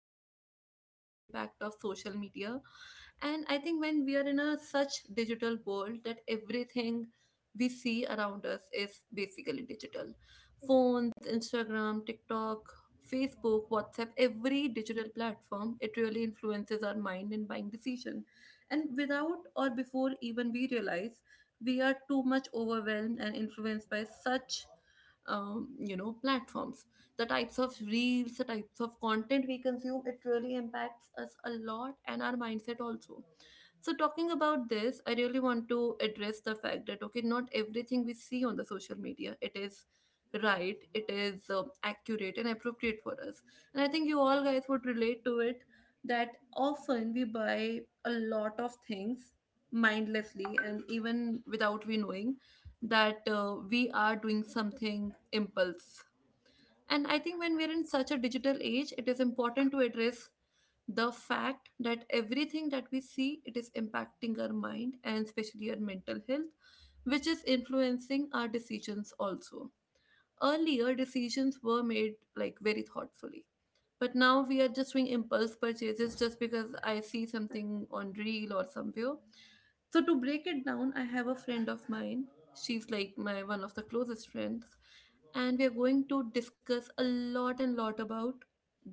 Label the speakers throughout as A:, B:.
A: are going to discuss the impact of social media. And I think when we are in a such digital world, that everything we see around us is basically digital — phones, Instagram, TikTok, Facebook, WhatsApp. Every digital platform, it really influences our mind in buying decision. And without or before even we realize, we are too much overwhelmed and influenced by such platforms. The types of reels, the types of content we consume, it really impacts us a lot and our mindset also. So, talking about this, I really want to address the fact that, okay, not everything we see on the social media, it is right, it is accurate and appropriate for us. And I think you all guys would relate to it that often we buy a lot of things mindlessly, and even without we knowing that we are doing something impulse. And I think when we're in such a digital age, it is important to address the fact that everything that we see, it is impacting our mind and especially our mental health, which is influencing our decisions also. Earlier decisions were made like very thoughtfully, but now we are just doing impulse purchases just because I see something on reel or somewhere. So to break it down, I have a friend of mine. She's like my one of the closest friends, and we are going to discuss a lot and lot about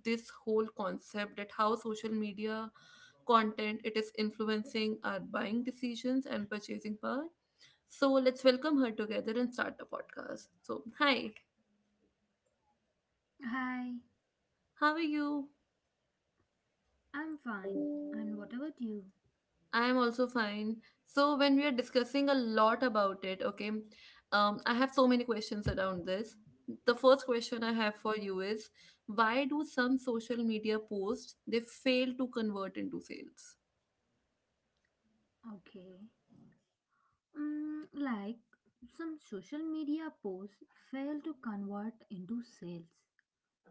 A: this whole concept that how social media content, it is influencing our buying decisions and purchasing power. So let's welcome her together and start the podcast. So hi,
B: Hi,
A: how are you?
B: I'm fine. And what about you?
A: I am also fine. So when we are discussing a lot about it, okay, I have so many questions around this. The first question I have for you is, why do some social media posts they fail to convert into sales?
B: Okay. Mm, like some social media posts fail to convert into sales,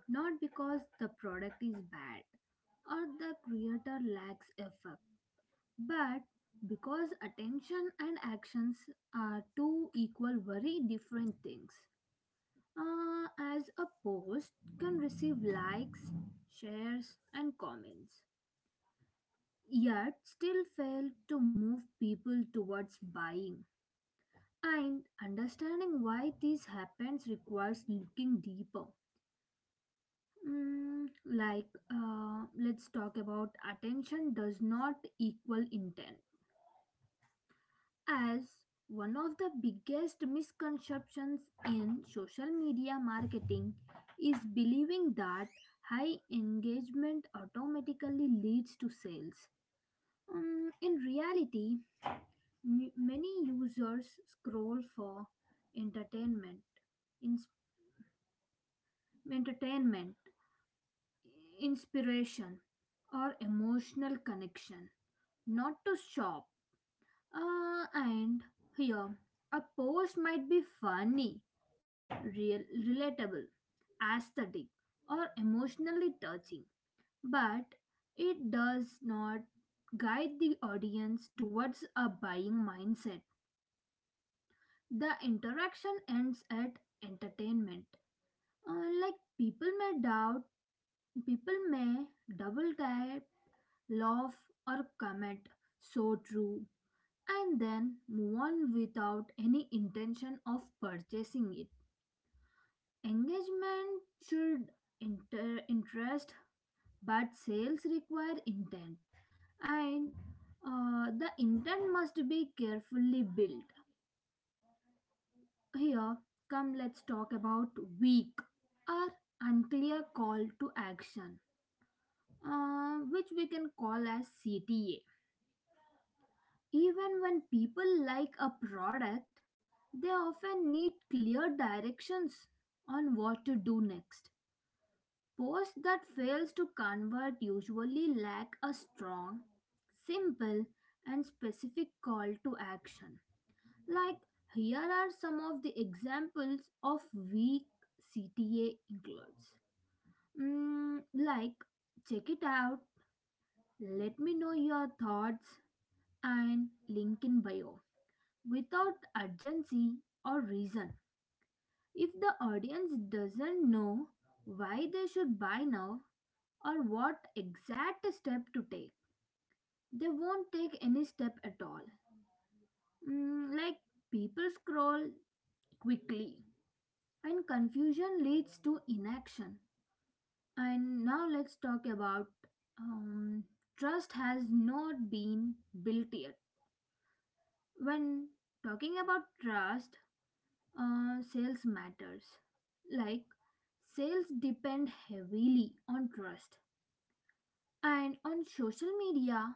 B: not because the product is bad or the creator lacks effort, but because attention and actions are two equal, very different things. Uh, as a post can receive likes, shares, and comments yet still fail to move people towards buying. And understanding why this happens requires looking deeper. Let's talk about attention does not equal intent. As one of the biggest misconceptions in social media marketing is believing that high engagement automatically leads to sales. In reality, many users scroll for entertainment, ins- entertainment, inspiration, or emotional connection, not to shop. And here, a post might be funny, real, relatable, aesthetic, or emotionally touching, but it does not guide the audience towards a buying mindset. The interaction ends at entertainment. Like people may double tap, laugh, or comment, so true, and then move on without any intention of purchasing it. Engagement should interest, but sales require intent, and the intent must be carefully built. Here, come let's talk about weak or unclear call to action, which we can call as CTA. Even when people like a product, they often need clear directions on what to do next. Posts that fails to convert usually lack a strong, simple, and specific call to action. Like, here are some of the examples of weak CTA includes. Mm, like, check it out, let me know your thoughts, and link in bio without urgency or reason. If the audience doesn't know why they should buy now or what exact step to take, they won't take any step at all. Mm, like, people scroll quickly and confusion leads to inaction. And now let's talk about um, trust has not been built yet. When talking about trust, sales matters. Like sales depend heavily on trust, and on social media,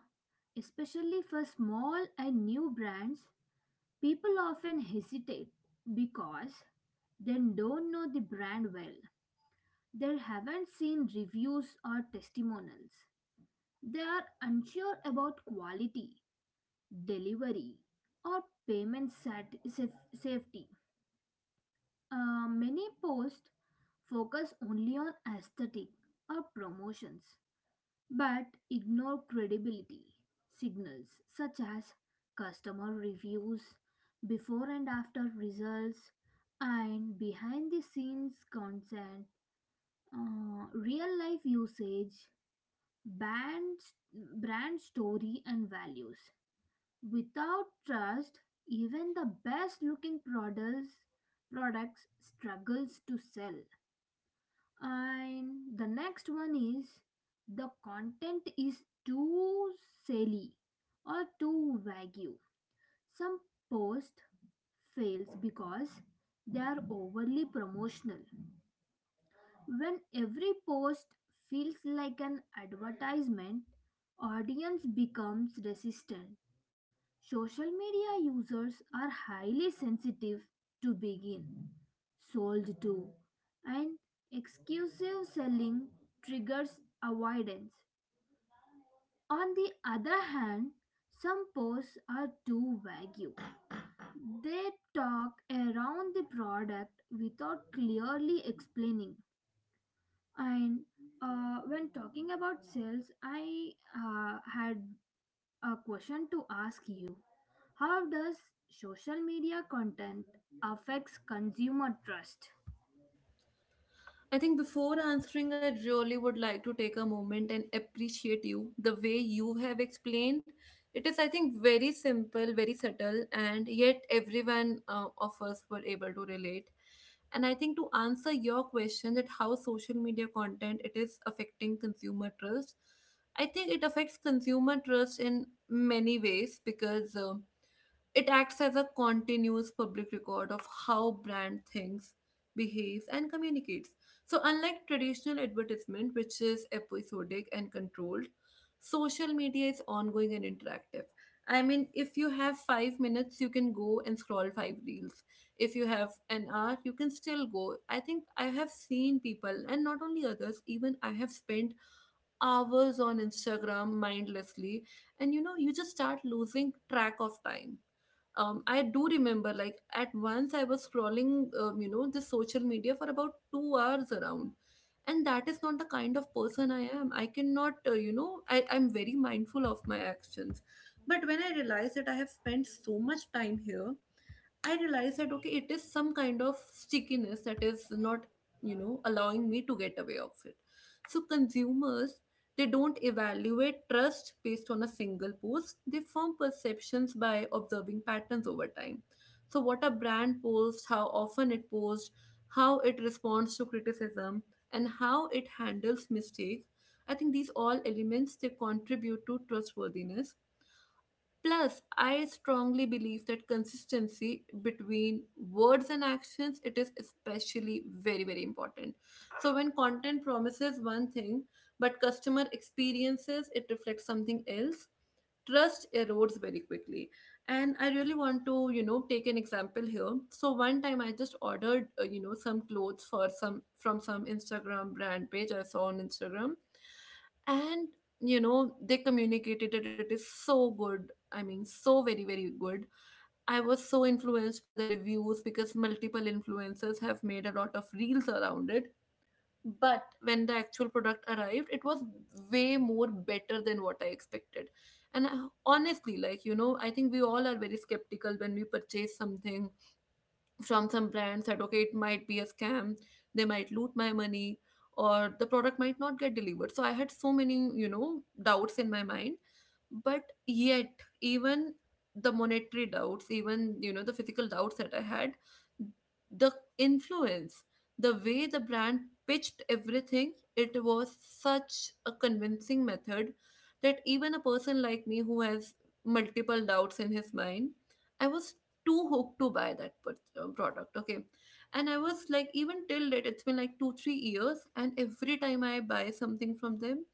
B: especially for small and new brands, people often hesitate because they don't know the brand well. They haven't seen reviews or testimonials. They are unsure about quality, delivery, or payment safety. Many posts focus only on aesthetic or promotions but ignore credibility signals such as customer reviews, before and after results, and behind the scenes content, real life usage, brand story and values. Without trust, even the best looking products struggles to sell. And the next one is the content is too silly or too vague. Some post fails because they are overly promotional. When every post feels like an advertisement, audience becomes resistant. Social media users are highly sensitive to begin, sold to, and exclusive selling triggers avoidance. On the other hand, some posts are too vague. They talk around the product without clearly explaining. And when talking about sales, I had a question to ask you. How does social media content affects consumer trust?
A: I think before answering, I really would like to take a moment and appreciate you the way you have explained. It is, I think, very simple, very subtle, and yet everyone of us were able to relate. And I think to answer your question that how social media content, it is affecting consumer trust, I think it affects consumer trust in many ways because it acts as a continuous public record of how brand thinks, behaves, and communicates. So, unlike traditional advertisement, which is episodic and controlled, social media is ongoing and interactive. I mean, if you have 5 minutes, you can go and scroll five reels. If you have an hour, you can still go. I think I have seen people, and not only others, even I have spent hours on Instagram mindlessly. And you just start losing track of time. I do remember, like, at once I was scrolling, this social media for about 2 hours around. And that is not the kind of person I am. I cannot, I'm very mindful of my actions. But when I realized that I have spent so much time here, I realized that okay, it is some kind of stickiness that is not, allowing me to get away of it. So consumers, they don't evaluate trust based on a single post. They form perceptions by observing patterns over time. So what a brand posts, how often it posts, how it responds to criticism, and how it handles mistakes. I think these all elements, they contribute to trustworthiness. Plus, I strongly believe that consistency between words and actions, it is especially very very important. So when content promises one thing but customer experiences it reflects something else, trust erodes very quickly. And I really want to take an example here. So one time I just ordered some clothes for some from some Instagram brand page I saw on Instagram. And they communicated that it is so good. I mean, so very, very good. I was so influenced by the reviews because multiple influencers have made a lot of reels around it. But when the actual product arrived, it was way more better than what I expected. Honestly, like, I think we all are very skeptical when we purchase something from some brands that okay it might be a scam, they might loot my money, or the product might not get delivered. So I had so many doubts in my mind. But yet, even the monetary doubts, even the physical doubts that I had, the influence, the way the brand pitched everything, it was such a convincing method that even a person like me who has multiple doubts in his mind, I was too hooked to buy that product, okay. And I was like, even till date it's been like 2 3 years, and every time I buy something from them,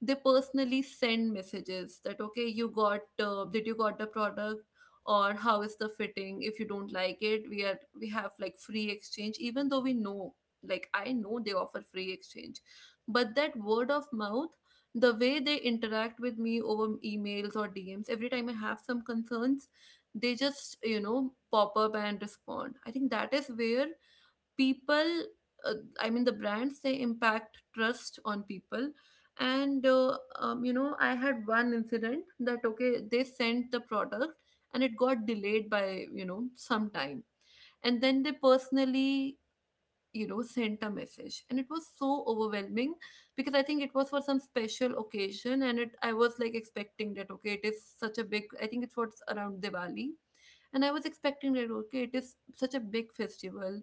A: they personally send messages that okay you got did you got the product, or how is the fitting. If you don't like it, we have like free exchange. Even though we know, like I know, they offer free exchange. But that word of mouth, the way they interact with me over emails or DMs every time I have some concerns, they just pop up and respond. I think that is where people, uh, I mean the brands, they impact trust on people. And I had one incident that okay they sent the product and it got delayed by some time. And then they personally sent a message, and it was so overwhelming because I think it was for some special occasion. And it I was like expecting that okay it is such a big — I think it's what's around Diwali. And I was expecting that okay, it is such a big festival.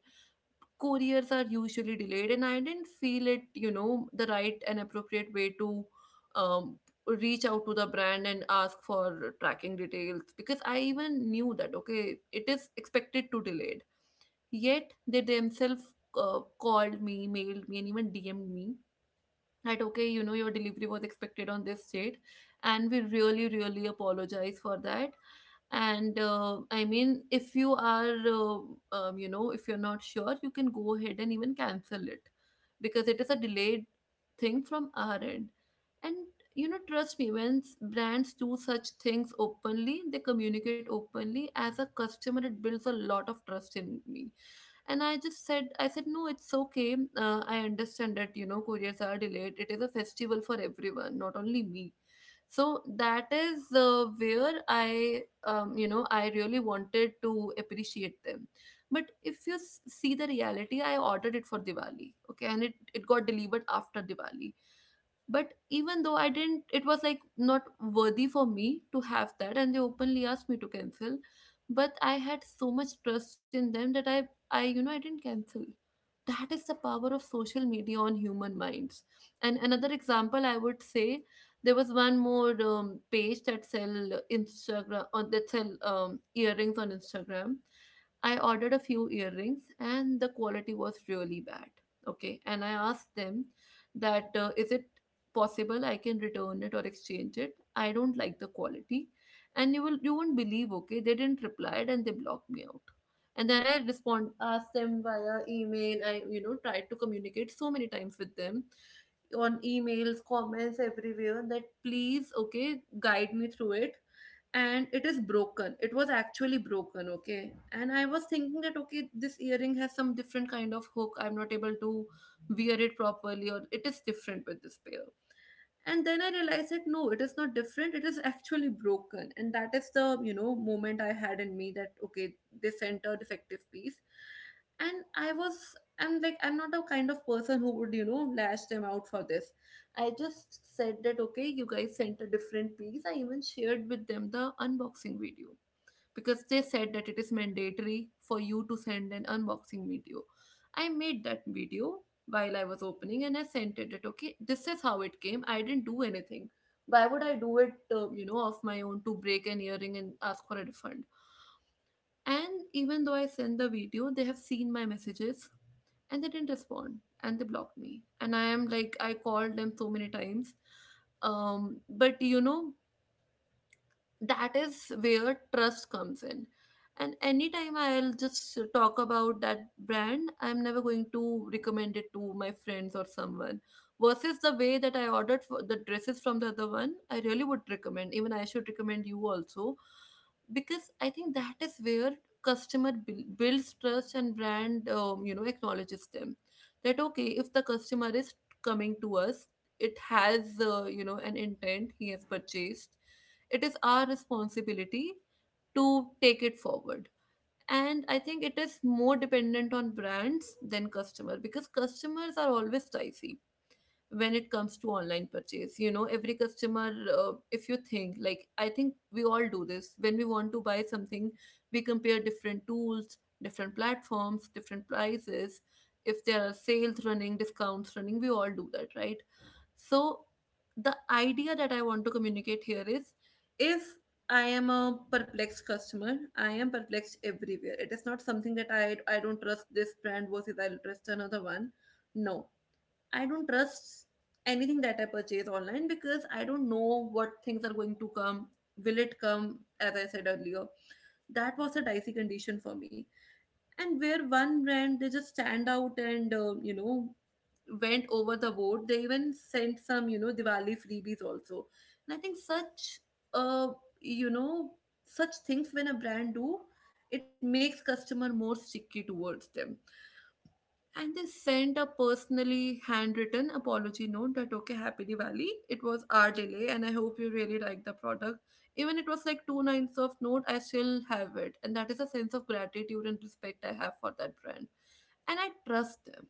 A: Couriers are usually delayed, and I didn't feel it, the right and appropriate way to um, reach out to the brand and ask for tracking details, because I even knew that okay, it is expected to delayed. Yet they themselves called me, mailed me, and even DM'd me that okay you know your delivery was expected on this date, and we really really apologize for that. And I mean, if you are you know if you're not sure, you can go ahead and even cancel it because it is a delayed thing from our end. And trust me, when brands do such things openly, they communicate openly. As a customer, it builds a lot of trust in me. And I said no it's okay, I understand that couriers are delayed, it is a festival for everyone not only me. So that is where I you know I really wanted to appreciate them. But if you see the reality, I ordered it for Diwali, okay, and it got delivered after Diwali. But even though I didn't — it was like not worthy for me to have that — and they openly asked me to cancel. But I had so much trust in them that I you know I didn't cancel. That is the power of social media on human minds. And another example I would say, there was one more page that sell Instagram on, that sell earrings on Instagram. I ordered a few earrings and the quality was really bad, okay. And I asked them that is it possible I can return it or exchange it, I don't like the quality. And you won't believe, okay, they didn't reply and they blocked me out. And then I respond, ask them via email, I tried to communicate so many times with them on emails, comments, everywhere that please okay guide me through it. And it is broken — it was actually broken, okay. And I was thinking that okay, this earring has some different kind of hook, I'm not able to wear it properly, or it is different with this pair. And then I realized that no, it is not different, it is actually broken. And that is the moment I had in me that okay they sent a defective piece. And I'm like, I'm not a kind of person who would lash them out for this. I just said that okay, you guys sent a different piece, I even shared with them the unboxing video because they said that it is mandatory for you to send an unboxing video. I made that video while I was opening, and I sent it that okay, this is how it came. I didn't do anything. Why would I do it, of my own to break an earring and ask for a refund? And even though I sent the video, they have seen my messages and they didn't respond and they blocked me. And I am like, I called them so many times. Um, but you know, that is where trust comes in, and anytime I'll just talk about that brand, I'm never going to recommend it to my friends or someone, versus the way that I ordered for the dresses from the other one. I really would recommend, even I should recommend you also, because I think that is where builds trust and brand acknowledges them, that okay, if the customer is coming to us, it has an intent, he has purchased, it is our responsibility to take it forward. And I think it is more dependent on brands than customer, because customers are always dicey when it comes to online purchase. You know, every customer, if you think, like I think we all do this. When we want to buy something, we compare different tools, different platforms, different prices. If there are sales running, discounts running, we all do that, right? So the idea that I want to communicate here is, if I am a perplexed customer, I am perplexed everywhere. It is not something that I don't trust this brand versus I'll trust another one. No. I don't trust anything that I purchase online because I don't know what things are going to come. Will it come as I said earlier? That was a dicey condition for me. And where one brand, they just stand out and went over the board. They even sent some, you know, Diwali freebies also. And I think such, uh, you know, such things when a brand do, it makes customer more sticky towards them. And they sent a personally handwritten apology note that okay, happy Diwali. It was our delay, and I hope you really like the product. Even it was like two-ninths of note, I still have it, and that is a sense of gratitude and respect I have for that brand, and I trust them.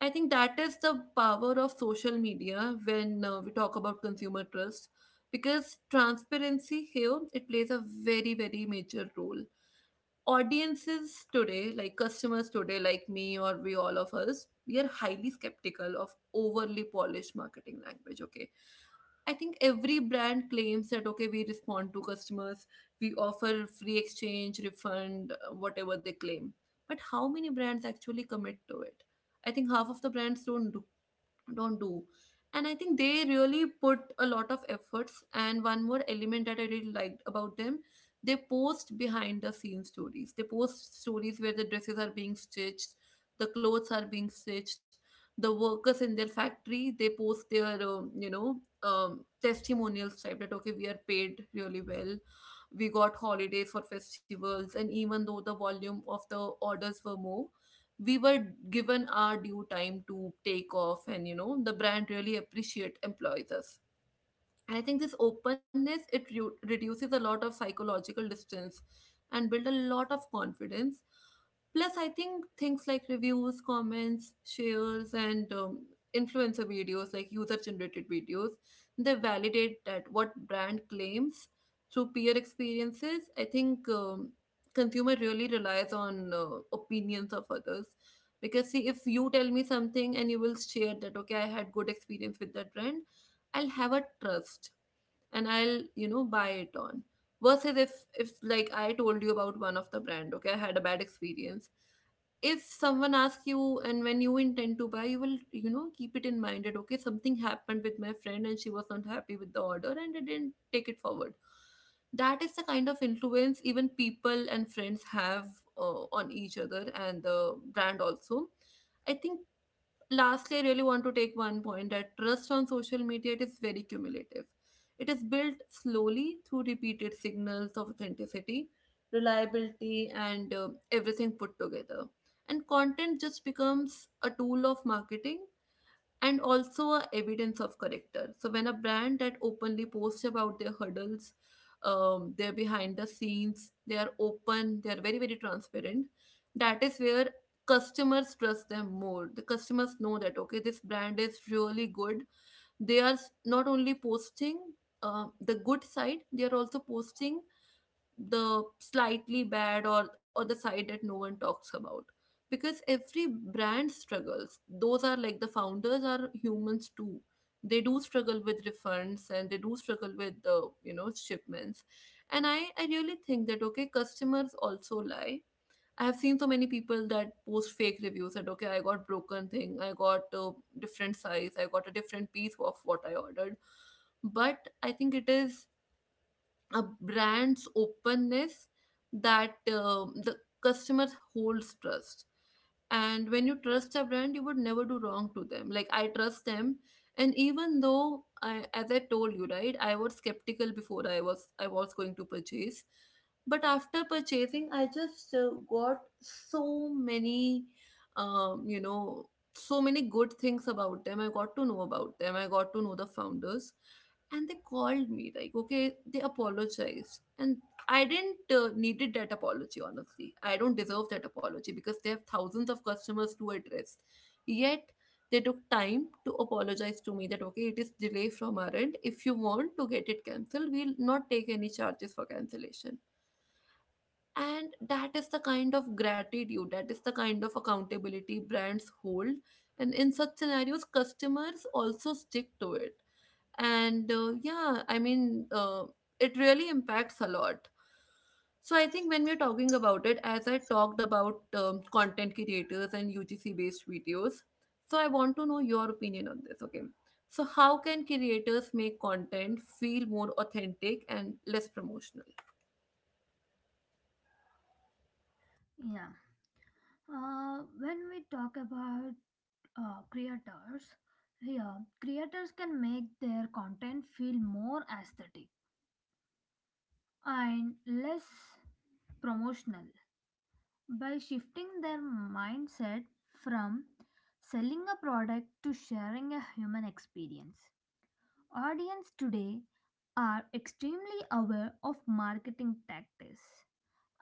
A: I think that is the power of social media when we talk about consumer trust, because transparency here, it plays a very, very major role. Audiences today, like customers today, like me, or we all of us, we are highly skeptical of overly polished marketing language. Okay. I think every brand claims that okay, we respond to customers, we offer free exchange, refund, whatever they claim. But how many brands actually commit to it? I think half of the brands don't, don't do. And I think they really put a lot of efforts. And one more element that I really liked about them, they post behind the scenes stories, they post stories where the dresses are being stitched, the clothes are being stitched. The workers in their factory, they post their testimonials type, that okay, we are paid really well, we got holidays for festivals, and even though the volume of the orders were more, we were given our due time to take off. And you know, the brand really appreciate employs us. And I think this openness, reduces a lot of psychological distance and build a lot of confidence. Plus, I think things like reviews, comments, shares, and influencer videos, like user generated videos, they validate that what brand claims through peer experiences. I think consumer really relies on opinions of others. Because see, if you tell me something and you will share that okay, I had good experience with that brand, I'll have a trust and I'll, you know, buy it on. Versus if, like I told you about one of the brand, okay, I had a bad experience, if someone asks you and when you intend to buy, you will, you know, keep it in mind that okay, something happened with my friend and she was not happy with the order, and I didn't take it forward. That is the kind of influence even people and friends have, on each other and the brand also. I think lastly, I really want to take one point, that trust on social media, it is very cumulative. It is built slowly through repeated signals of authenticity, reliability, and everything put together. And content just becomes a tool of marketing and also a evidence of character. So when a brand that openly posts about their hurdles, their behind the scenes, they are open, they are very, very transparent. That is where customers trust them more. The customers know that okay, this brand is really good. Not only posting the good side, they are also posting the slightly bad, or the side that no one talks about. Because every brand struggles, those are like, the founders are humans too, they do struggle with refunds, and they do struggle with the, you know, shipments. And I really think that okay, customers also lie. I have seen so many people that post fake reviews, that okay, I got broken thing, I got a different size, I got a different piece of what I ordered. But I think it is a brand's openness that, the customer holds trust. And when you trust a brand, you would never do wrong to them. Like, I trust them. And even though I, as I told you, right, I was skeptical before, I was going to purchase. But after purchasing, I just got so many um, you know so many good things about them. I got to know about them, I got to know the founders, and they called me, like, okay, they apologized. And I didn't needed that apology. Honestly, I don't deserve that apology, because they have thousands of customers to address. Yet they took time to apologize to me, that okay, it is delay from our end, if you want to get it cancelled, we'll not take any charges for cancellation. And that is the kind of gratitude, that is the kind of accountability brands hold. And in such scenarios, customers also stick to it. And yeah, it really impacts a lot. So I think when we're talking about it, as I talked about content creators and ugc based videos, so I want to know your opinion on this. Okay, so how can creators make content feel more authentic and less promotional?
B: Yeah. When we talk about creators, yeah, creators can make their content feel more aesthetic and less promotional, by shifting their mindset from selling a product to sharing a human experience. Audience today are extremely aware of marketing tactics,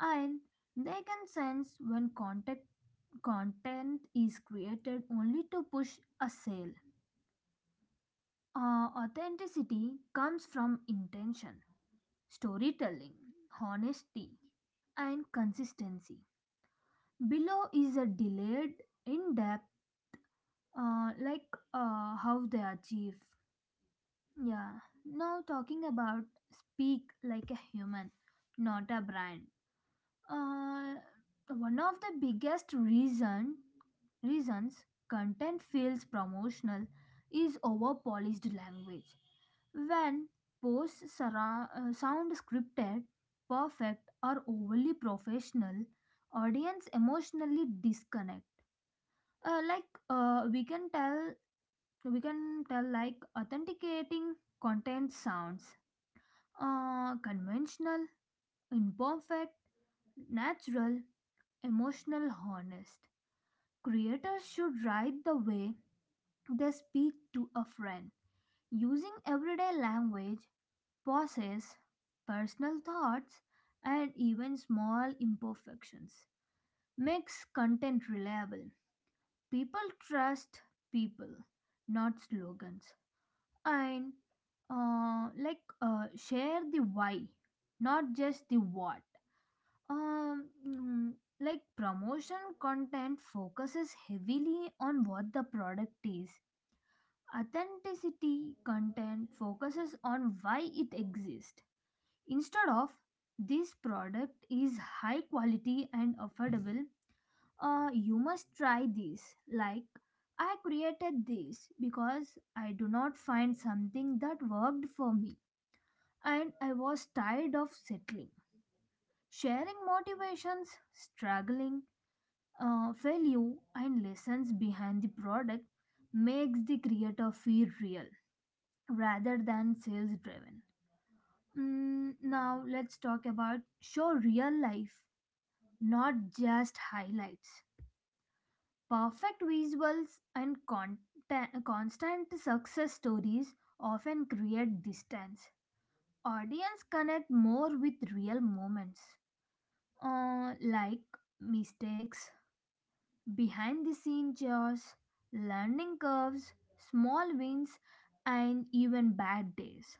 B: and they can sense when content is created only to push a sale. Authenticity comes from intention, storytelling, honesty, and consistency. Below is a delayed, in depth how they achieve. Yeah. Now talking about speak like a human, not a brand. Uh, one of the biggest reasons content feels promotional is over polished language. When posts sound scripted, perfect, or overly professional, audience emotionally disconnect. uh, like we can tell, we can tell, like authenticating content sounds conventional, imperfect, natural, emotional, honest. Creators should write the way they speak to a friend, using everyday language, pauses, personal thoughts, and even small imperfections makes content reliable. People trust people, not slogans. And share the why, not just the what. Um mm, like promotion content focuses heavily on what the product is. Authenticity content focuses on why it exists. Instead of this product is high quality and affordable, you must try this, like I created this because I do not find something that worked for me and I was tired of settling. Sharing motivations, struggling, failure, and lessons behind the product makes the creator feel real rather than sales driven. Now, let's talk about show real life, not just highlights. Perfect visuals and content, constant success stories often create distance. Audience connect more with real moments. Like mistakes, behind the scene chores, learning curves, small wins, and even bad days.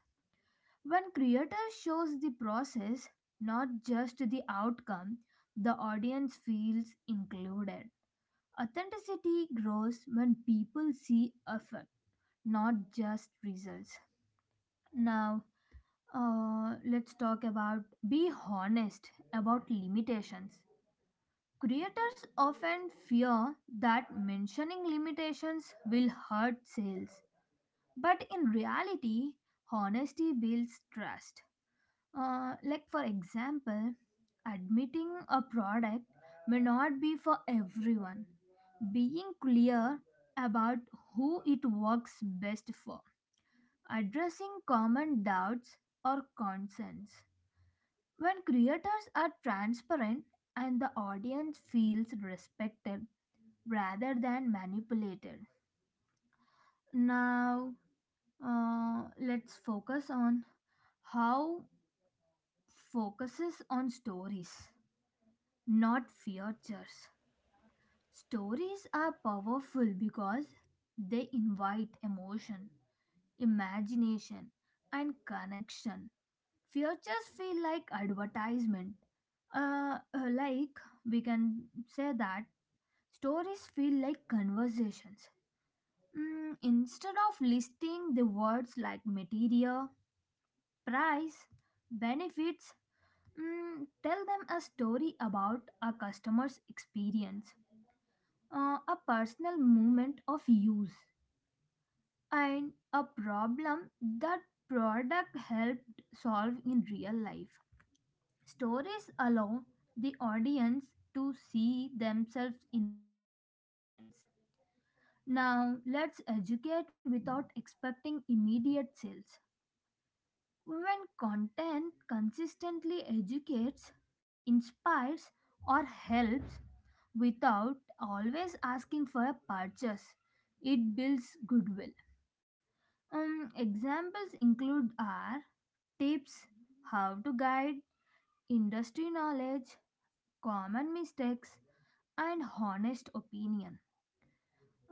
B: When creator shows the process, not just the outcome, the audience feels included. Authenticity grows when people see effort, not just results. Now, let's talk about be honest about limitations. Creators often fear that mentioning limitations will hurt sales, but in reality, honesty builds trust. For example, admitting a product may not be for everyone. Being clear about who it works best for, addressing common doubts or concerns. When creators are transparent and the audience feels respected, rather than manipulated. Now, let's focus on how focuses on stories, not features. Stories are powerful because they invite emotion, imagination, and connection. Features feel like advertisement. Like we can say that stories feel like conversations. Instead of listing the words like material, price, benefits, tell them a story about a customer's experience, a personal moment of use, and a problem that product helped solve in real life. Stories allow the audience to see themselves in a experience. Now, let's educate without expecting immediate sales. When content consistently educates, inspires, or helps without always asking for a purchase, it builds goodwill. Examples include are tips, how to guide, industry knowledge, common mistakes, and honest opinion.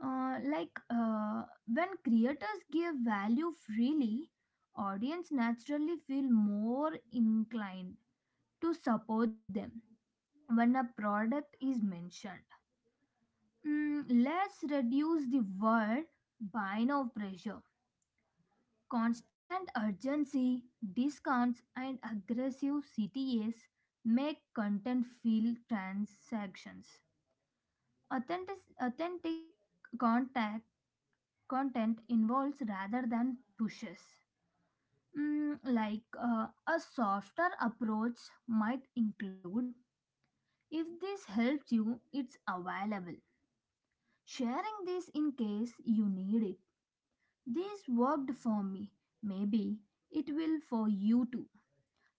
B: Uh, like uh, when creators give value freely, audience naturally feel more inclined to support them when a product is mentioned. Let's reduce the word buy now pressure. Constant urgency, discounts, and aggressive CTAs make content feel transactions. Authentic, authentic contact, content involves rather than pushes. A softer approach might include if this helps you, it's available. Sharing this in case you need it. This worked for me. Maybe it will for you too.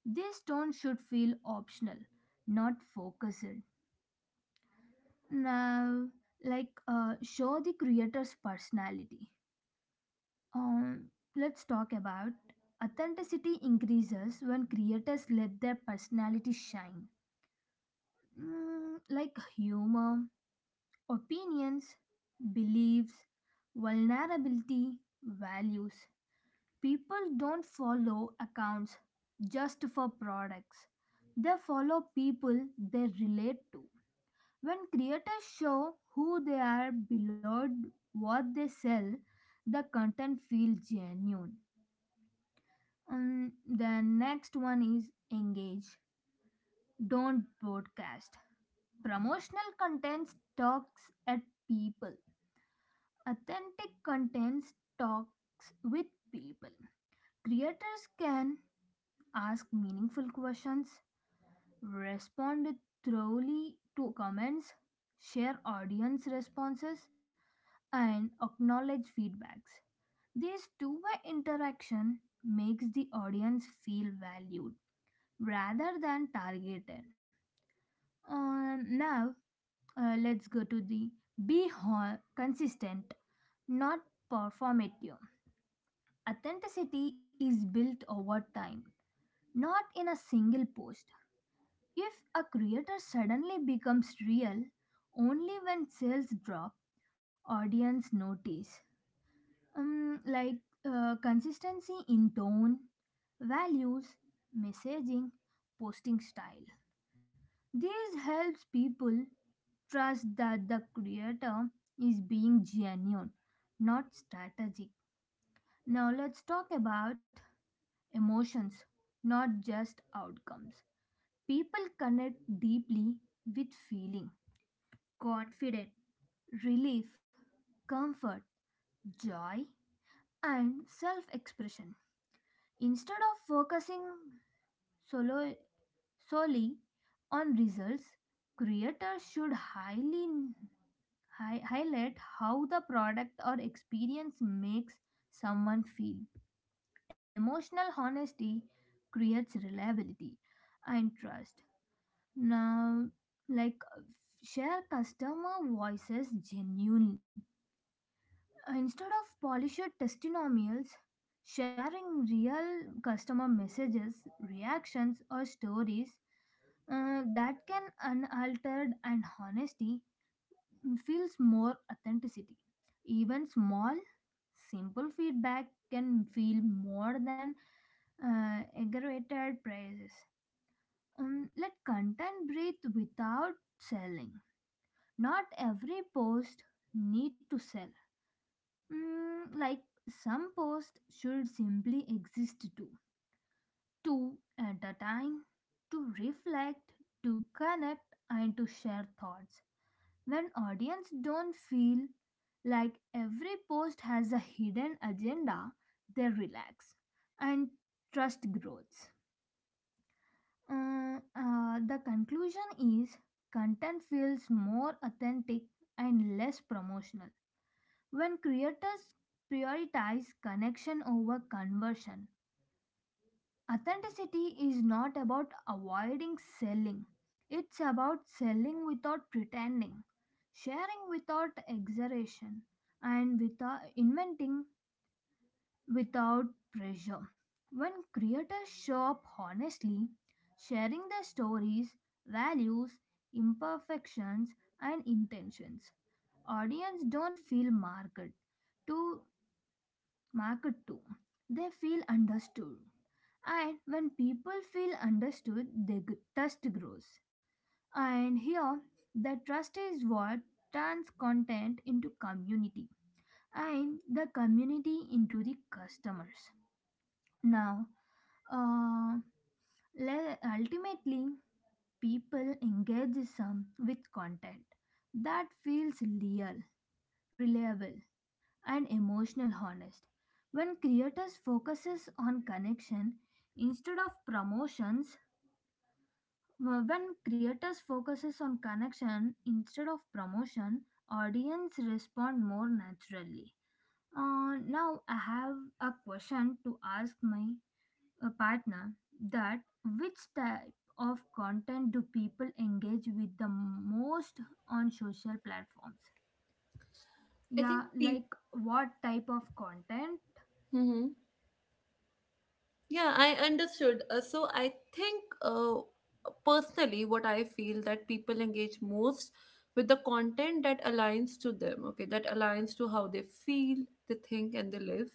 B: This tone should feel optional, not focused. Now, show the creator's personality. Um, let's talk about authenticity increases when creators let their personality shine. Like humor, opinions, beliefs, vulnerability, values. People don't follow accounts just for products, they follow people they relate to. When creators show who they are below what they sell, the content feels genuine. And the next one is engage, don't broadcast. Promotional content talks at people, authentic content talks with people. Creators can ask meaningful questions, respond thoroughly to comments, share audience responses, and acknowledge feedbacks. This two-way interaction makes the audience feel valued rather than targeted. Now, let's go to the be consistent, not performative. Authenticity is built over time, not in a single post. If a creator suddenly becomes real only when sales drop, audience notice. Um, like consistency in tone, values, messaging, posting style. This helps people trust that the creator is being genuine, not strategic. Now let's talk about emotions, not just outcomes. People connect deeply with feeling, confidence, relief, comfort, joy, and self expression. Instead of focusing solo, solely on results, creators should highlight how the product or experience makes someone feel. Emotional honesty creates reliability and trust. Now, like share customer voices genuinely. Instead of polished testimonials, sharing real customer messages, reactions, or stories that can unaltered and honesty feels more authenticity. Even small, simple feedback can feel more than aggravated praises. Let content breathe without selling. Not every post need to sell. Like some posts should simply exist too. Two at a time, to reflect, to connect, and to share thoughts. When audience don't feel like every post has a hidden agenda, they relax and trust grows. The conclusion is content feels more authentic and less promotional. When creators prioritize connection over conversion, authenticity is not about avoiding selling. It's about selling without pretending, sharing without exaggeration, and without pressure. When creators show up honestly, sharing their stories, values, imperfections, and intentions, audience don't feel marked to market to. They feel understood. And when people feel understood, their trust grows. And here, the trust is what turns content into community and the community into the customers. Now, uh, ultimately, people engage some with content that feels real, reliable, and emotional honest when creators focuses on connection instead of promotions, when creators focuses on connection instead of promotion, audience respond more naturally. Now I have a question to ask my partner that which type of content do people engage with the most on social platforms?
A: I think
B: Yeah, like what type of content?
A: people. Yeah, I understood. So I think, personally, what I feel, that people engage most with the content that aligns to them, okay, that aligns to how they feel, they think, and they live.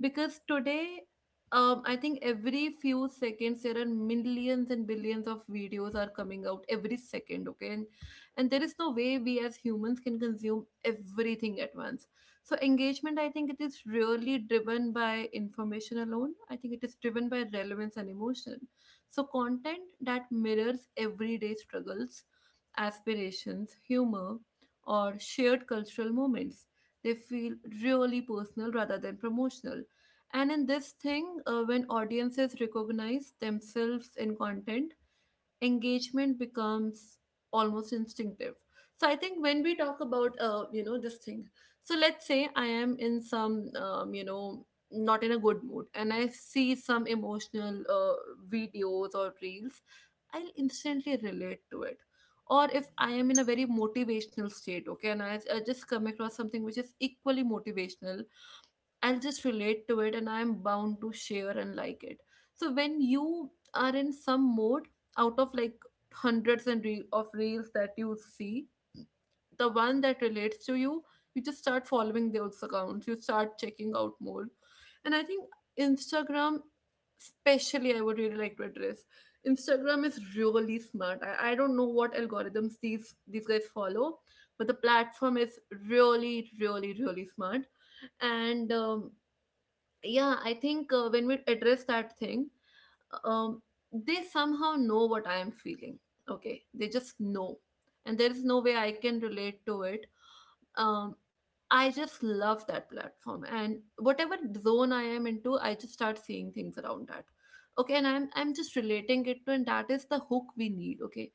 A: Because today, I think every few seconds there are millions and billions of videos are coming out every second, okay, and there is no way we as humans can consume everything at once. So engagement, I think it is really driven by information alone. I think it is driven by relevance and emotion. So content that mirrors everyday struggles, aspirations, humor, or shared cultural moments. They feel really personal rather than promotional. And in this thing, when audiences recognize themselves in content, engagement becomes almost instinctive. So I think when we talk about, this thing, so let's say I am in some, not in a good mood, and I see some emotional, videos or reels, I'll instantly relate to it. Or if I am in a very motivational state, okay, and I just come across something which is equally motivational, I'll just relate to it, and I'm bound to share and like it. So when you are in some mode, out of like hundreds of reels that you see, the one that relates to you, you just start following those accounts. You start checking out more. And I think Instagram, especially, I would really like to address. Instagram is really smart. I don't know what algorithms these guys follow, but the platform is really, really, really smart. And yeah, I think, when we address that thing, um, they somehow know what I am feeling, okay, they just know. And there is no way I can relate to it. um, I just love that platform, and whatever zone I am into, I just start seeing things around that, okay, and I'm just relating it to, and that is the hook we need, okay.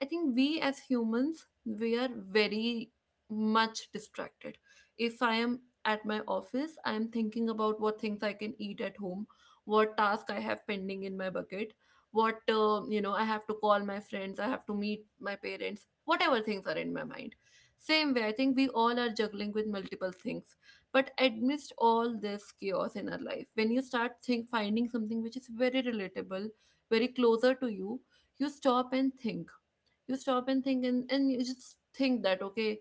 A: I think we as humans, we are very much distracted. If I am at my office, I am thinking about what things I can eat at home, what task I have pending in my bucket, what, I have to call my friends, I have to meet my parents, whatever things are in my mind. Same way, I think we all are juggling with multiple things. But amidst all this chaos in our life, when you start finding something which is very relatable, very closer to you, you stop and think you stop and think and you just think that okay.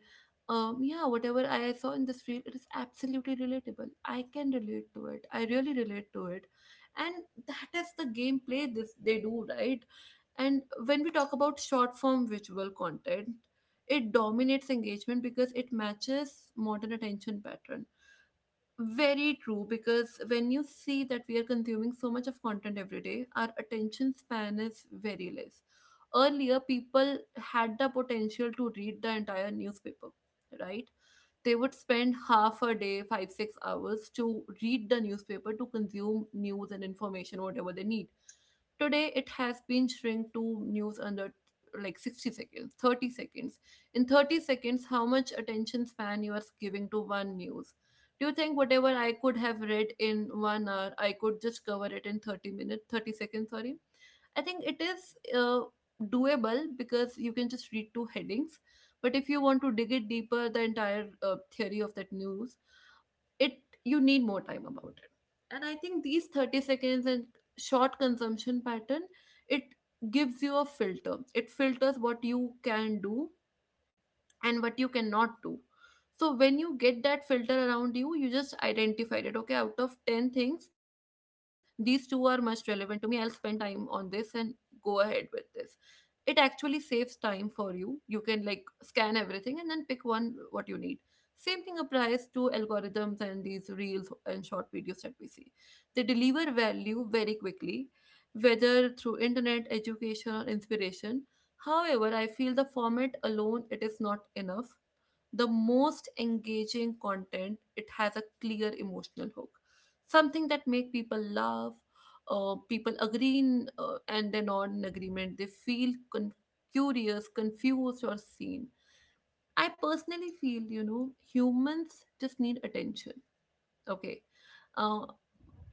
A: Yeah, whatever I saw in this reel, it is absolutely relatable. I can relate to it. And that is the gameplay this they do, right? And when we talk about short form visual content, it dominates engagement because it matches modern attention pattern. Very true, because when you see that we are consuming so much of content every day, our attention span is very less. Earlier, people had the potential to read the entire newspaper, right? They would spend half a day, five, 6 hours to read the newspaper to consume news and information, whatever they need. Today, it has been shrink to news under like 60 seconds, 30 seconds. In 30 seconds, how much attention span you are giving to one news? Do you think whatever I could have read in 1 hour, I could just cover it in 30 minutes, 30 seconds, sorry? I think it is doable because you can just read two headings. But if you want to dig it deeper, the entire theory of that news, it you need more time about it. And I think these 30 seconds and short consumption pattern, it gives you a filter. It filters what you can do and what you cannot do. So when you get that filter around you, you just identify it. Okay, out of 10 things, these two are much relevant to me, I'll spend time on this and go ahead with this. It actually saves time for you. You can like scan everything and then pick one what you need. Same thing applies to algorithms, and these reels and short videos that we see, they deliver value very quickly, whether through internet education or inspiration. However, I feel the format alone, it is not enough. The most engaging content, it has a clear emotional hook, something that make people laugh, people agree in, and they're not in agreement they feel con- curious, confused, or seen. I personally feel humans just need attention. Okay. Uh,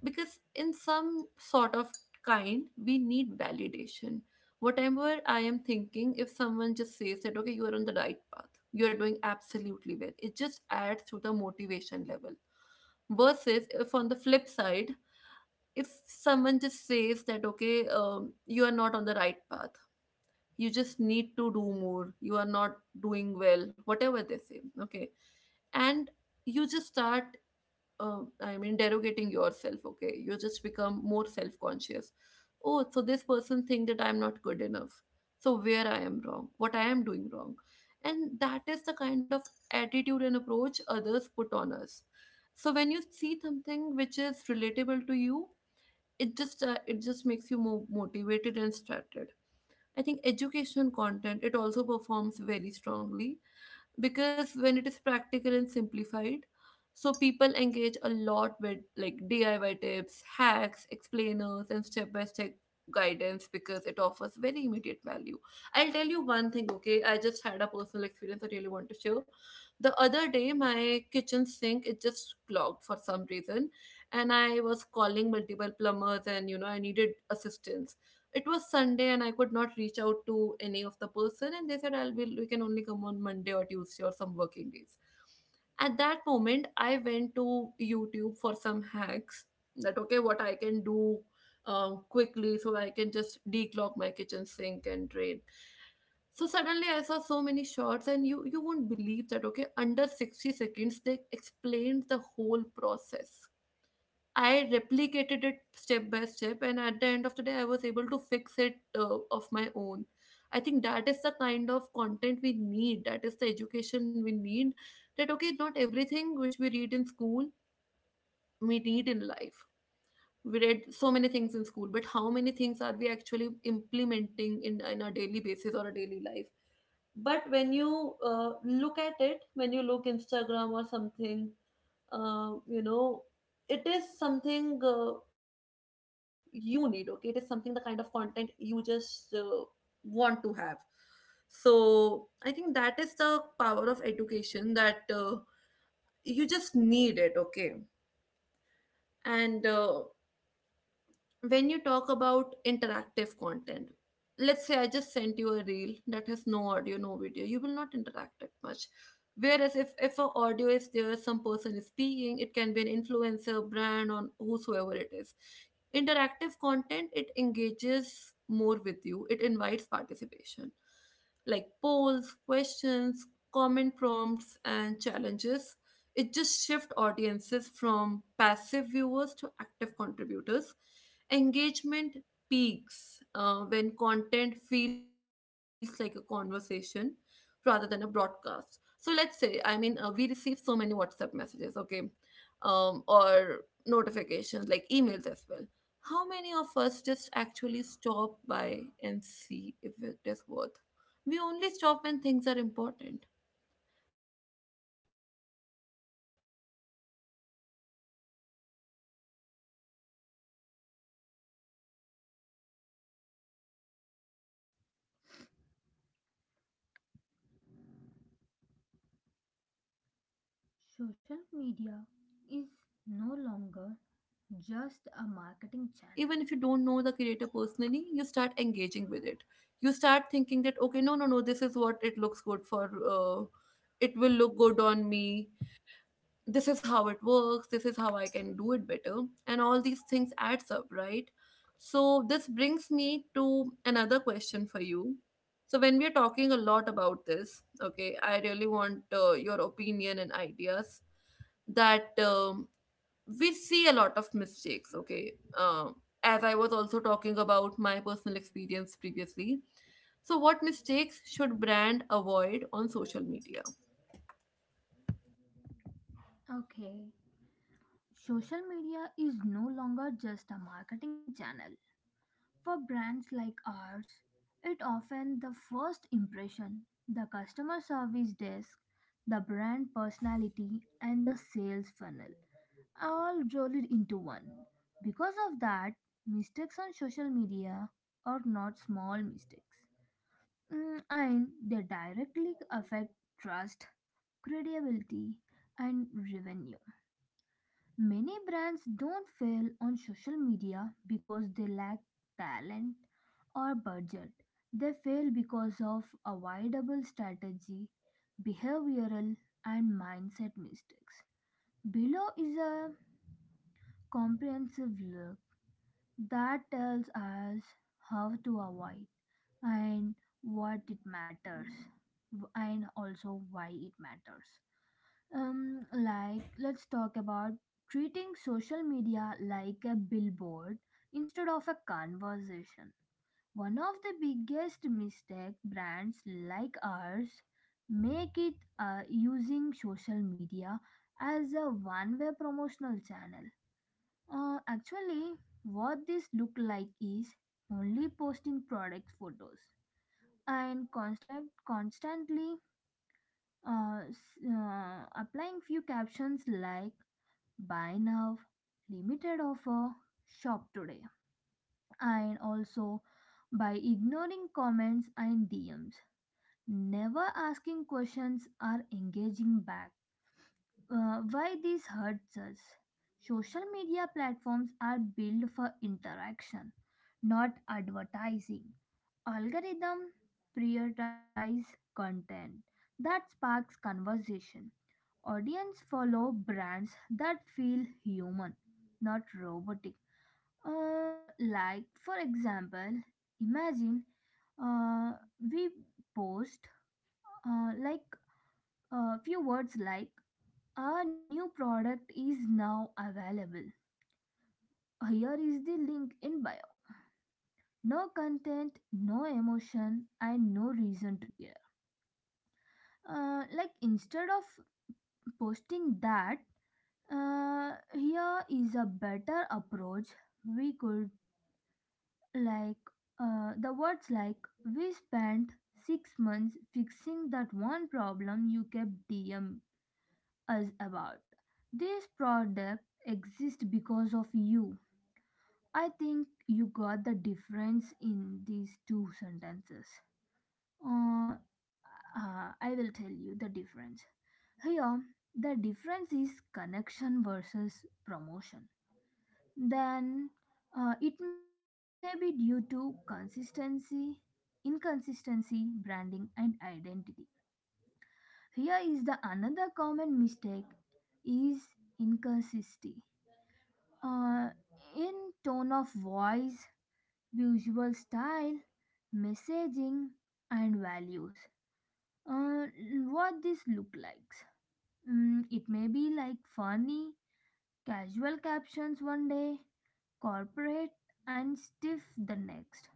A: because in some sort of kind, we need validation. Whatever I am thinking, if someone just says that, okay, you are on the right path, you are doing absolutely well, it just adds to the motivation level. Versus if on the flip side, if someone just says that, okay, you are not on the right path, you just need to do more, you are not doing well, whatever they say, okay, and you just start derogating yourself, okay? You just become more self conscious. Oh, so this person think that I'm not good enough. So where I am wrong, what I am doing wrong. And that is the kind of attitude and approach others put on us. So when you see something which is relatable to you, it just makes you more motivated and started. I think education content, it also performs very strongly because when it is practical and simplified, so people engage a lot with like DIY tips, hacks, explainers, and step by step guidance because it offers very immediate value. I'll tell you one thing. Okay, I just had a personal experience, I really want to share. The other day, my kitchen sink, it just clogged for some reason, and I was calling multiple plumbers, and you know, I needed assistance. It was Sunday and I could not reach out to any of the person, and they said I'll be we can only come on Monday or Tuesday or some working days. At that moment, I went to YouTube for some hacks that okay, what I can do quickly so I can just declog my kitchen sink and drain. So suddenly I saw so many shots, and you won't believe that okay, under 60 seconds they explained the whole process. I replicated it step by step, and at the end of the day, I was able to fix it of my own. I think that is the kind of content we need. That is the education we need. That okay, not everything which we read in school we need in life. We read so many things in school, but how many things are we actually implementing in our daily basis or a daily life? But when you look at it, when you look Instagram or something, uh, you know it is something you need. Okay, it is something the kind of content you just want to have. So I think that is the power of education, that you just need it, okay. And when you talk about interactive content, let's say I just sent you a reel that has no audio, no video, you will not interact it much. Whereas if a audio is there, some person is speaking, it can be an influencer, brand, or whosoever it is, interactive content, it engages more with you. It invites participation like polls, questions, comment prompts, and challenges. It just shift audiences from passive viewers to active contributors. Engagement peaks when content feels like a conversation rather than a broadcast. So let's say, we receive so many WhatsApp messages, okay, or notifications like emails as well. How many of us just actually stop by and see if it is worth? We only stop when things are important, right? if you just re- WhatsApp message right now, you will pick the one which is more, can be from your family, friends, or anyone else, you will have a priority. Same way for content. When engagement is there, when some creators
B: Social
A: ask, okay, what is
B: media
A: your thought
B: is
A: about it?
B: no
A: Should I
B: longer
A: go for this or should I
B: just
A: go
B: a
A: for that?
B: marketing channel.
A: Even if you don't know the creator personally, you start engaging with it. You start thinking that okay, no, no, no, this is what it looks good for. It will look good on me, this is how it works, this is how I can do it better, and all these things adds up, right? So this brings me to another question for you. So when we are talking a lot about this, okay, I really want your opinion and ideas, that we see a lot of mistakes, okay, um, as I was also talking about my personal experience previously. So what mistakes should brand avoid on social media?
B: Okay, social media is no longer just a marketing channel. For brands like ours, it often the first impression, the customer service desk, the brand personality and the sales funnel all rolled into one. Because of that, mistakes on social media are not small mistakes. And they directly affect trust, credibility, and revenue. Many brands don't fail on social media because they lack talent or budget. They fail because of avoidable strategy, behavioral, and mindset mistakes. Below is a comprehensive look that tells us how to avoid and what it matters, and also why it matters. Like let's talk about treating social media like a billboard instead of a conversation. One of the biggest mistake brands like ours make it using social media as a one way promotional channel. Actually, what this look like is only posting product photos and constantly applying few captions like buy now, limited offer, shop today, and also by ignoring comments and DMs. Never asking questions or engaging back. Why this hurts us? Social media platforms are built for interaction, not advertising. Algorithm prioritize content that sparks conversation. Audience follow brands that feel human, not robotic. Like for example, imagine uh, we post like a few words like our new product is now available. Here is the link in bio. No content, no emotion, and no reason to care. Like instead of posting that, here is a better approach. We could like the words like we spent 6 months fixing that one problem you kept DM us about. This product exists because of you. I think you got the difference in these two sentences. Uh, I will tell you the difference. Here, the difference is connection versus promotion. Then, it may be due to consistency, inconsistency, branding, and identity. Here is the another common mistake is inconsistency. Uh, in tone of voice, visual style, messaging and values. uh, what this look like? It may be like funny casual captions one day, corporate and stiff the next,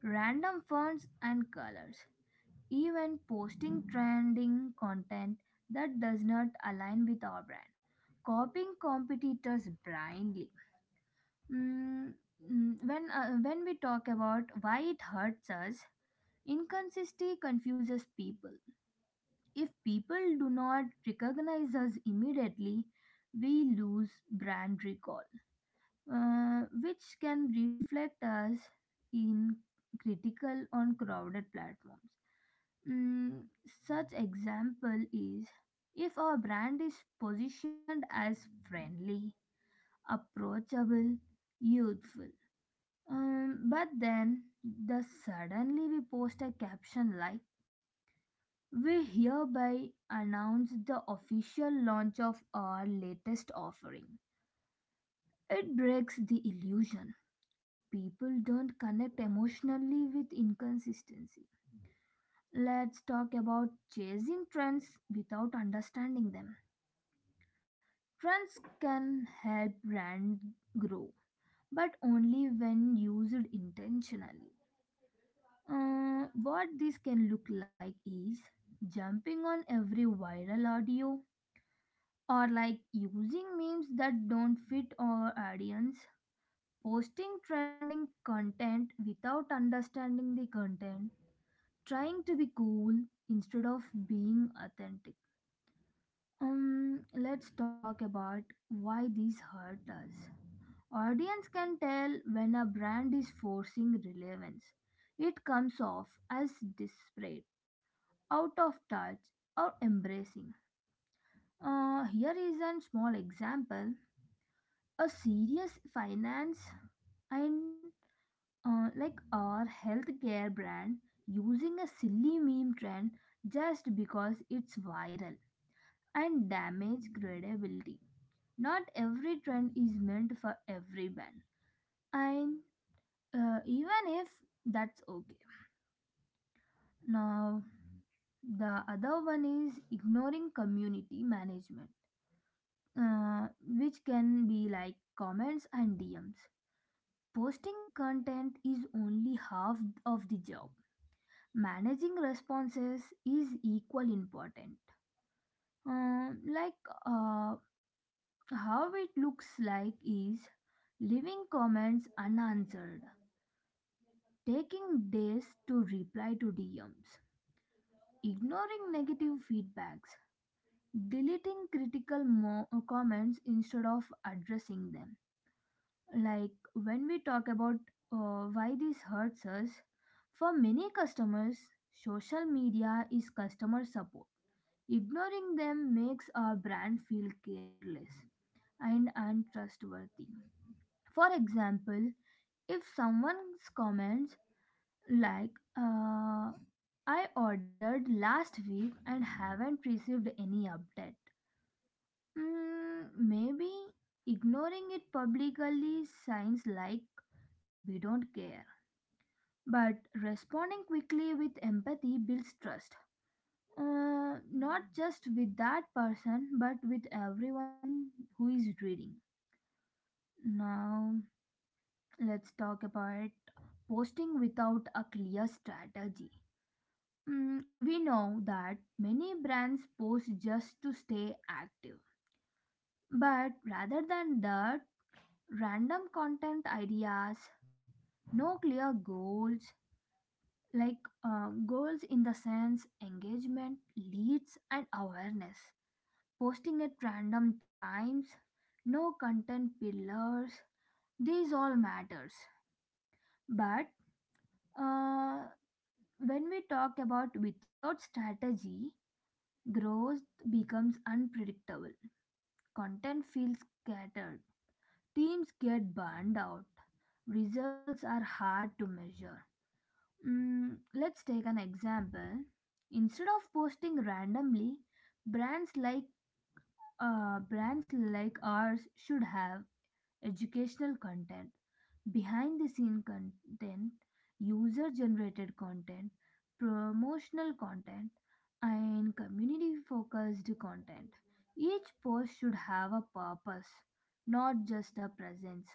B: random fonts and colors, even posting trending content that does not align with our brand, copying competitors blindly. Mm, when we talk about why it hurts us, inconsistency confuses people. If people do not recognize us immediately, we lose brand recall, which can reflect us in critical on crowded platforms. Mm, Such example is if our brand is positioned as friendly, approachable, youthful, but then the suddenly we post a caption like we hereby announce the official launch of our latest offering. It breaks the illusion. People don't connect emotionally with inconsistency. Let's talk about chasing trends without understanding them. Trends can help brand grow, but only when used intentionally. What this can look like is jumping on every viral audio, or like using memes that don't fit our audience, posting trending content without understanding the content, trying to be cool instead of being authentic. Let's talk about why these hurt us. Audience can tell when a brand is forcing relevance. It comes off as desperate, out of touch, or embracing. Here is a small example. A serious finance and like our healthcare brand using a silly meme trend just because it's viral and damage credibility. Not every trend is meant for every brand, and even if that's okay. Now, the other one is ignoring community management, which can be like comments and DMs. Posting content is only half of the job. Managing responses is equally important. Um, like uh, how it looks like is leaving comments unanswered, taking days to reply to DMs, ignoring negative feedbacks, deleting critical comments instead of addressing them. Like when we talk about why this hurts us, for many customers, social media is customer support. Ignoring them makes our brand feel careless and untrustworthy. For example, if someone's comments like, uh, I ordered last week and haven't received any update, maybe ignoring it publicly signs like we don't care. But responding quickly with empathy builds trust, not just with that person, but with everyone who is reading. Now, let's talk about posting without a clear strategy. We know that many brands post just to stay active, but rather than that, random content ideas, no clear goals, like goals in the sense engagement leads and awareness, posting at random times, no content pillars, these all matters. But uh, when we talk about without strategy, growth becomes unpredictable, content feels scattered, teams get burned out, results are hard to measure. Let's take an example. Instead of posting randomly, brands like brands like ours should have educational content, behind the scene content, user generated content, promotional content, and community focused content. Each post should have a purpose, not just a presence.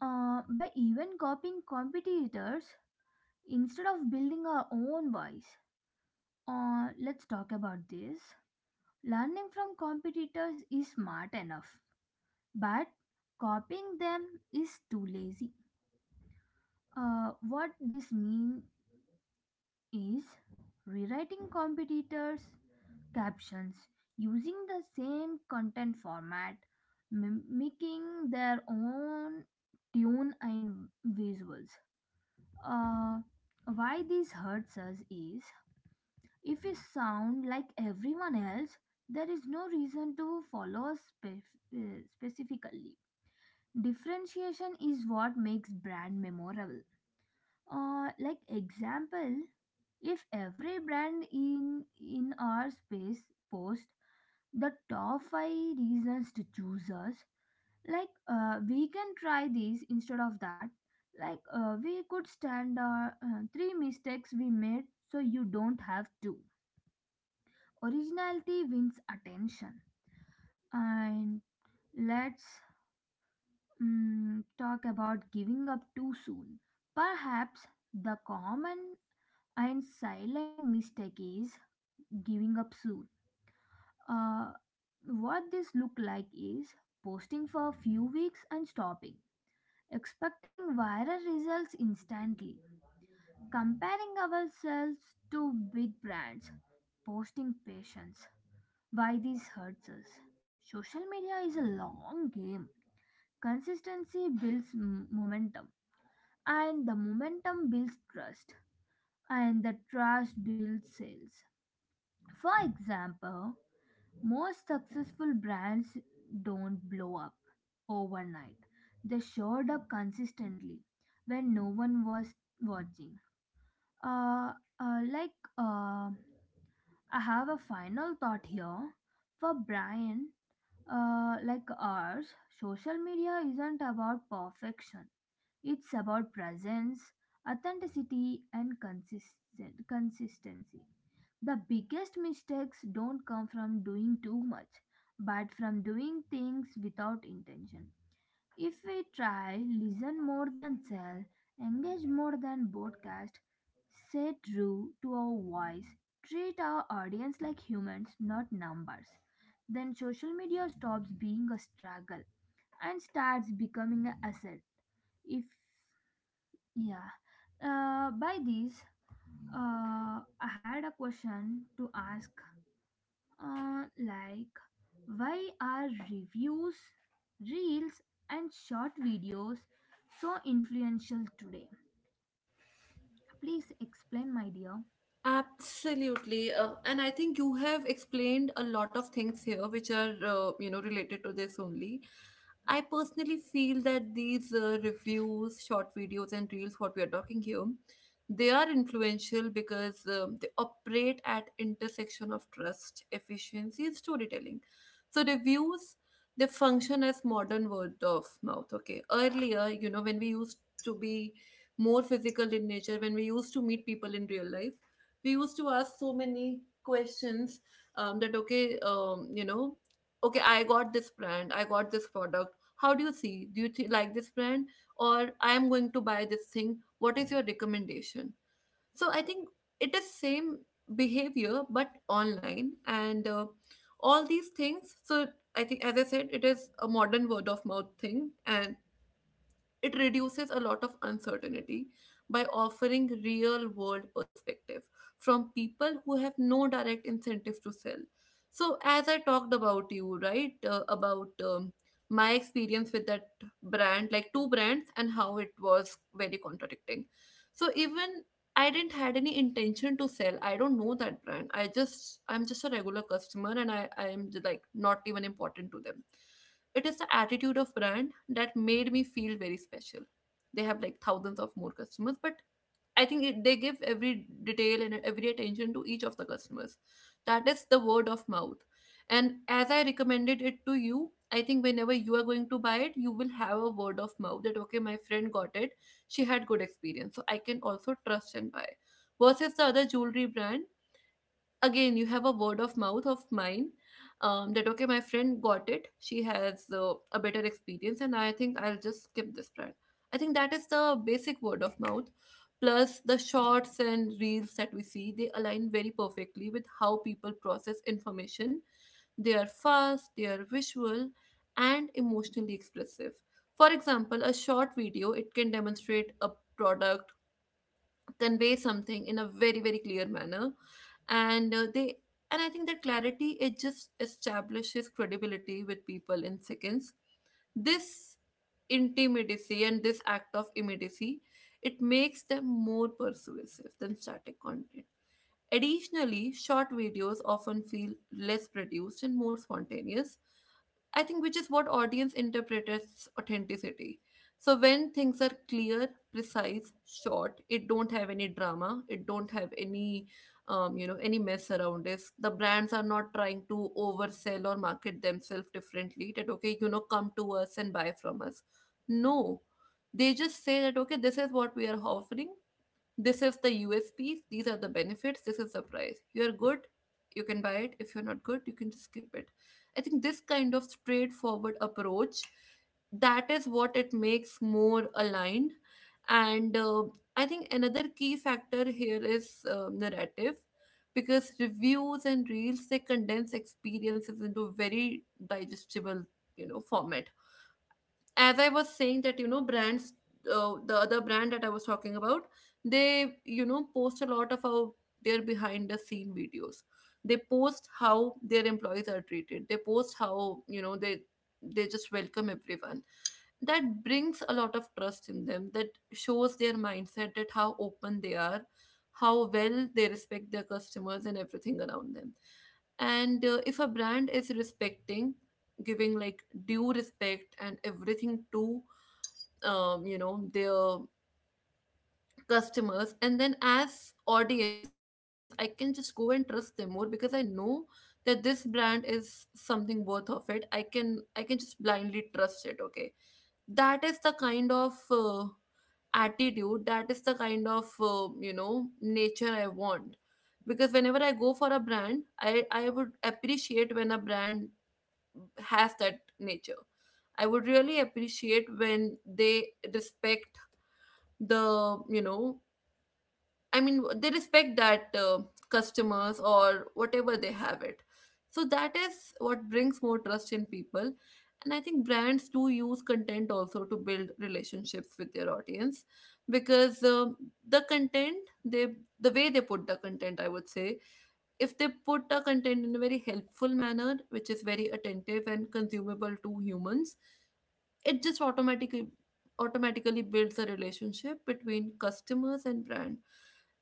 B: By even copying competitors, instead of building our own voice, let's talk about this. Learning from competitors is smart enough, but copying them is too lazy. What this means is rewriting competitors' captions, using the same content format, mimicking their own tune and visuals. Uh, why this hurts us is if we sound like everyone else, there is no reason to follow us specifically. Differentiation is what makes brand memorable. Like example, if every brand in our space post the top five reasons to choose us, like we can try these instead of that, like we could stand our three mistakes we made so you don't have to. Originality wins attention. And let's talk about giving up too soon. Perhaps the common and silent mistake is giving up soon. Uh, what this look like is posting for a few weeks and stopping, expecting viral results instantly, comparing ourselves to big brands, posting patience. Why this hurts us? Social media is a long game. Consistency builds momentum, and the momentum builds trust, and the trust builds sales. For example, most successful brands don't blow up overnight. They showed up consistently when no one was watching. Uh, uh, like uh, I have a final thought here. For Brian, like ours, social media isn't about perfection. It's about presence, authenticity, and consistent consistency. The biggest mistakes don't come from doing too much, but from doing things without intention. If we try listen more than sell, engage more than broadcast, stay true to our voice, treat our audience like humans, not numbers, then social media stops being a struggle and starts becoming an asset. If yeah, By this, I had a question to ask, like, why are reviews, reels, and short videos so influential today? Please explain, my dear.
A: Absolutely. And I think you have explained a lot of things here which are, related to this only. I personally feel that these reviews, short videos, and reels, what we are talking here, they are influential because they operate at intersection of trust, efficiency, and storytelling. So reviews, they function as modern word of mouth. Okay, earlier, you know, when we used to be more physical in nature, when we used to meet people in real life, we used to ask so many questions that okay you know okay, I got this brand, I got this product, how do you see, do like this brand, or I am going to buy this thing, what is your recommendation? So I think it is same behavior but online, and all these things. So I think, as I said, it is a modern word of mouth thing, and it reduces a lot of uncertainty by offering real world perspective from people who have no direct incentive to sell. So, as I talked about you, right, about my experience with that brand, like two brands, and how it was very contradicting. So, even I didn't had any intention to sell. I don't know that brand. I'm just a regular customer, and I'm like not even important to them. It is the attitude of brand that made me feel very special. They have like thousands of more customers, but I think it, they give every detail and every attention to each of the customers. That is the word of mouth. And as I recommended it to you, I think whenever you are going to buy it, you will have a word of mouth that okay, my friend got it. She had good experience, so I can also trust and buy. Versus the other jewelry brand, again you have a word of mouth of mine, that okay, my friend got it, she has a better experience, and I think I'll just skip this brand. I think that is the basic word of mouth. Plus the shorts and reels that we see, they align very perfectly with how people process information. They are fast, they are visual, and emotionally expressive. For example, a short video, it can demonstrate a product, convey something in a very very clear manner. And uh, they and I think that clarity, it just establishes credibility with people in seconds. This intimacy and this act of immediacy, it makes them more persuasive than static content. Additionally, short videos often feel less produced and more spontaneous, I think, which is what audience interprets authenticity. So when things are clear, precise, short, it don't have any drama, it don't have any, any mess around it. The brands are not trying to oversell or market themselves differently. That okay, come to us and buy from us. No, they just say that okay, this is what we are offering. This is the USPs, these are the benefits, this is the price. You're good, you can buy it. If you're not good, you can just skip it. I think this kind of straightforward approach, that is what it makes more aligned. And I think another key factor here is narrative, because reviews and reels, they condense experiences into very digestible, format. As I was saying that, brands, the other brand that I was talking about, they, post a lot of how their behind the scene videos. They post how their employees are treated. They post how, they just welcome everyone. That brings a lot of trust in them. That shows their mindset, that how open they are, how well they respect their customers and everything around them. And if a brand is respecting, giving like due respect and everything to, their customers, and then as audience, I can just go and trust them more, because I know that this brand is something worth of it. I can just blindly trust it. Okay, that is the kind of attitude. That is the kind of nature I want. Because whenever I go for a brand, I would appreciate when a brand has that nature. I would really appreciate when they respect the, I mean, they respect that, customers or whatever they have it. So that is what brings more trust in people. And I think brands do use content also to build relationships with their audience, because the content they, the way they put the content, I would say, if they put a content in a very helpful manner, which is very attentive and consumable to humans, it just automatically builds a relationship between customers and brand.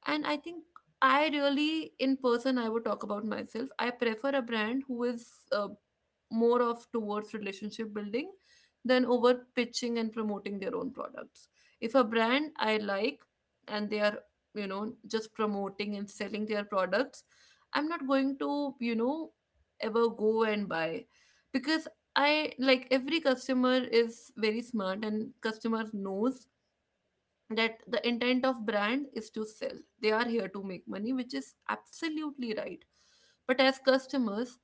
A: And I think I really, in person, I would talk about myself. I prefer a brand who is more of towards relationship building than over pitching and promoting their own products. If a brand I like, and they are, just promoting and selling their products, I'm not going to, ever go and buy. Because I like every customer is very smart and customer knows that the intent of brand is to sell. They are here to make money, which is absolutely right. But as customers,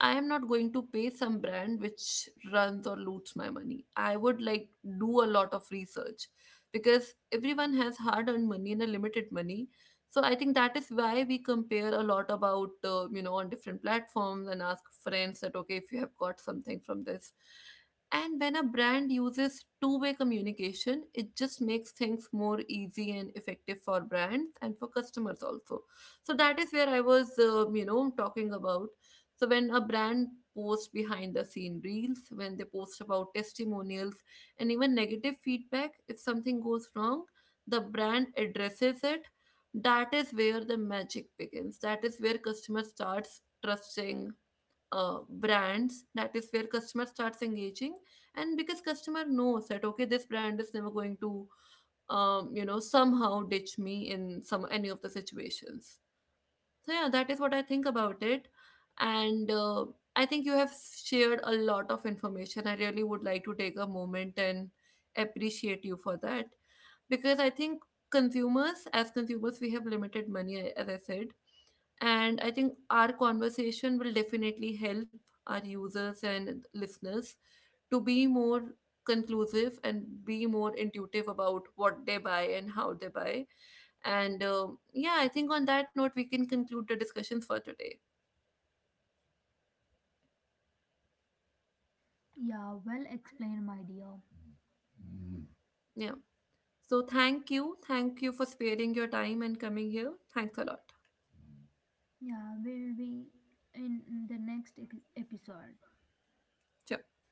A: I am not going to pay some brand which runs or loots my money. I would like, do a lot of research, because everyone has hard earned money and a limited money. So I think that is why we compare a lot about on different platforms and ask friends that okay, if you have got something from this. And when a brand uses two-way communication, it just makes things more easy and effective for brands and for customers also. So that is where I was, talking about. So when a brand posts behind the scene reels, when they post about testimonials and even negative feedback, if something goes wrong, the brand addresses it. That is where the magic begins. That is where customer starts trusting brands. That is where customer starts engaging. And because customer knows that okay, this brand is never going to, somehow ditch me in some any of the situations. So yeah, that is what I think about it. And I think you have shared a lot of information. I really would like to take a moment and appreciate you for that, because I think consumers, as consumers, we have limited money, I- as I said. And I think our conversation will definitely help our users and listeners to be more conclusive and be more intuitive about what they buy and how they buy. And yeah, I think on that note, we can conclude the discussions for today.
B: Yeah, well explained, my dear.
A: Yeah, so thank you for sparing your time and coming here. Thanks a lot.
B: Yeah, we'll be in the next episode.
A: Ciao.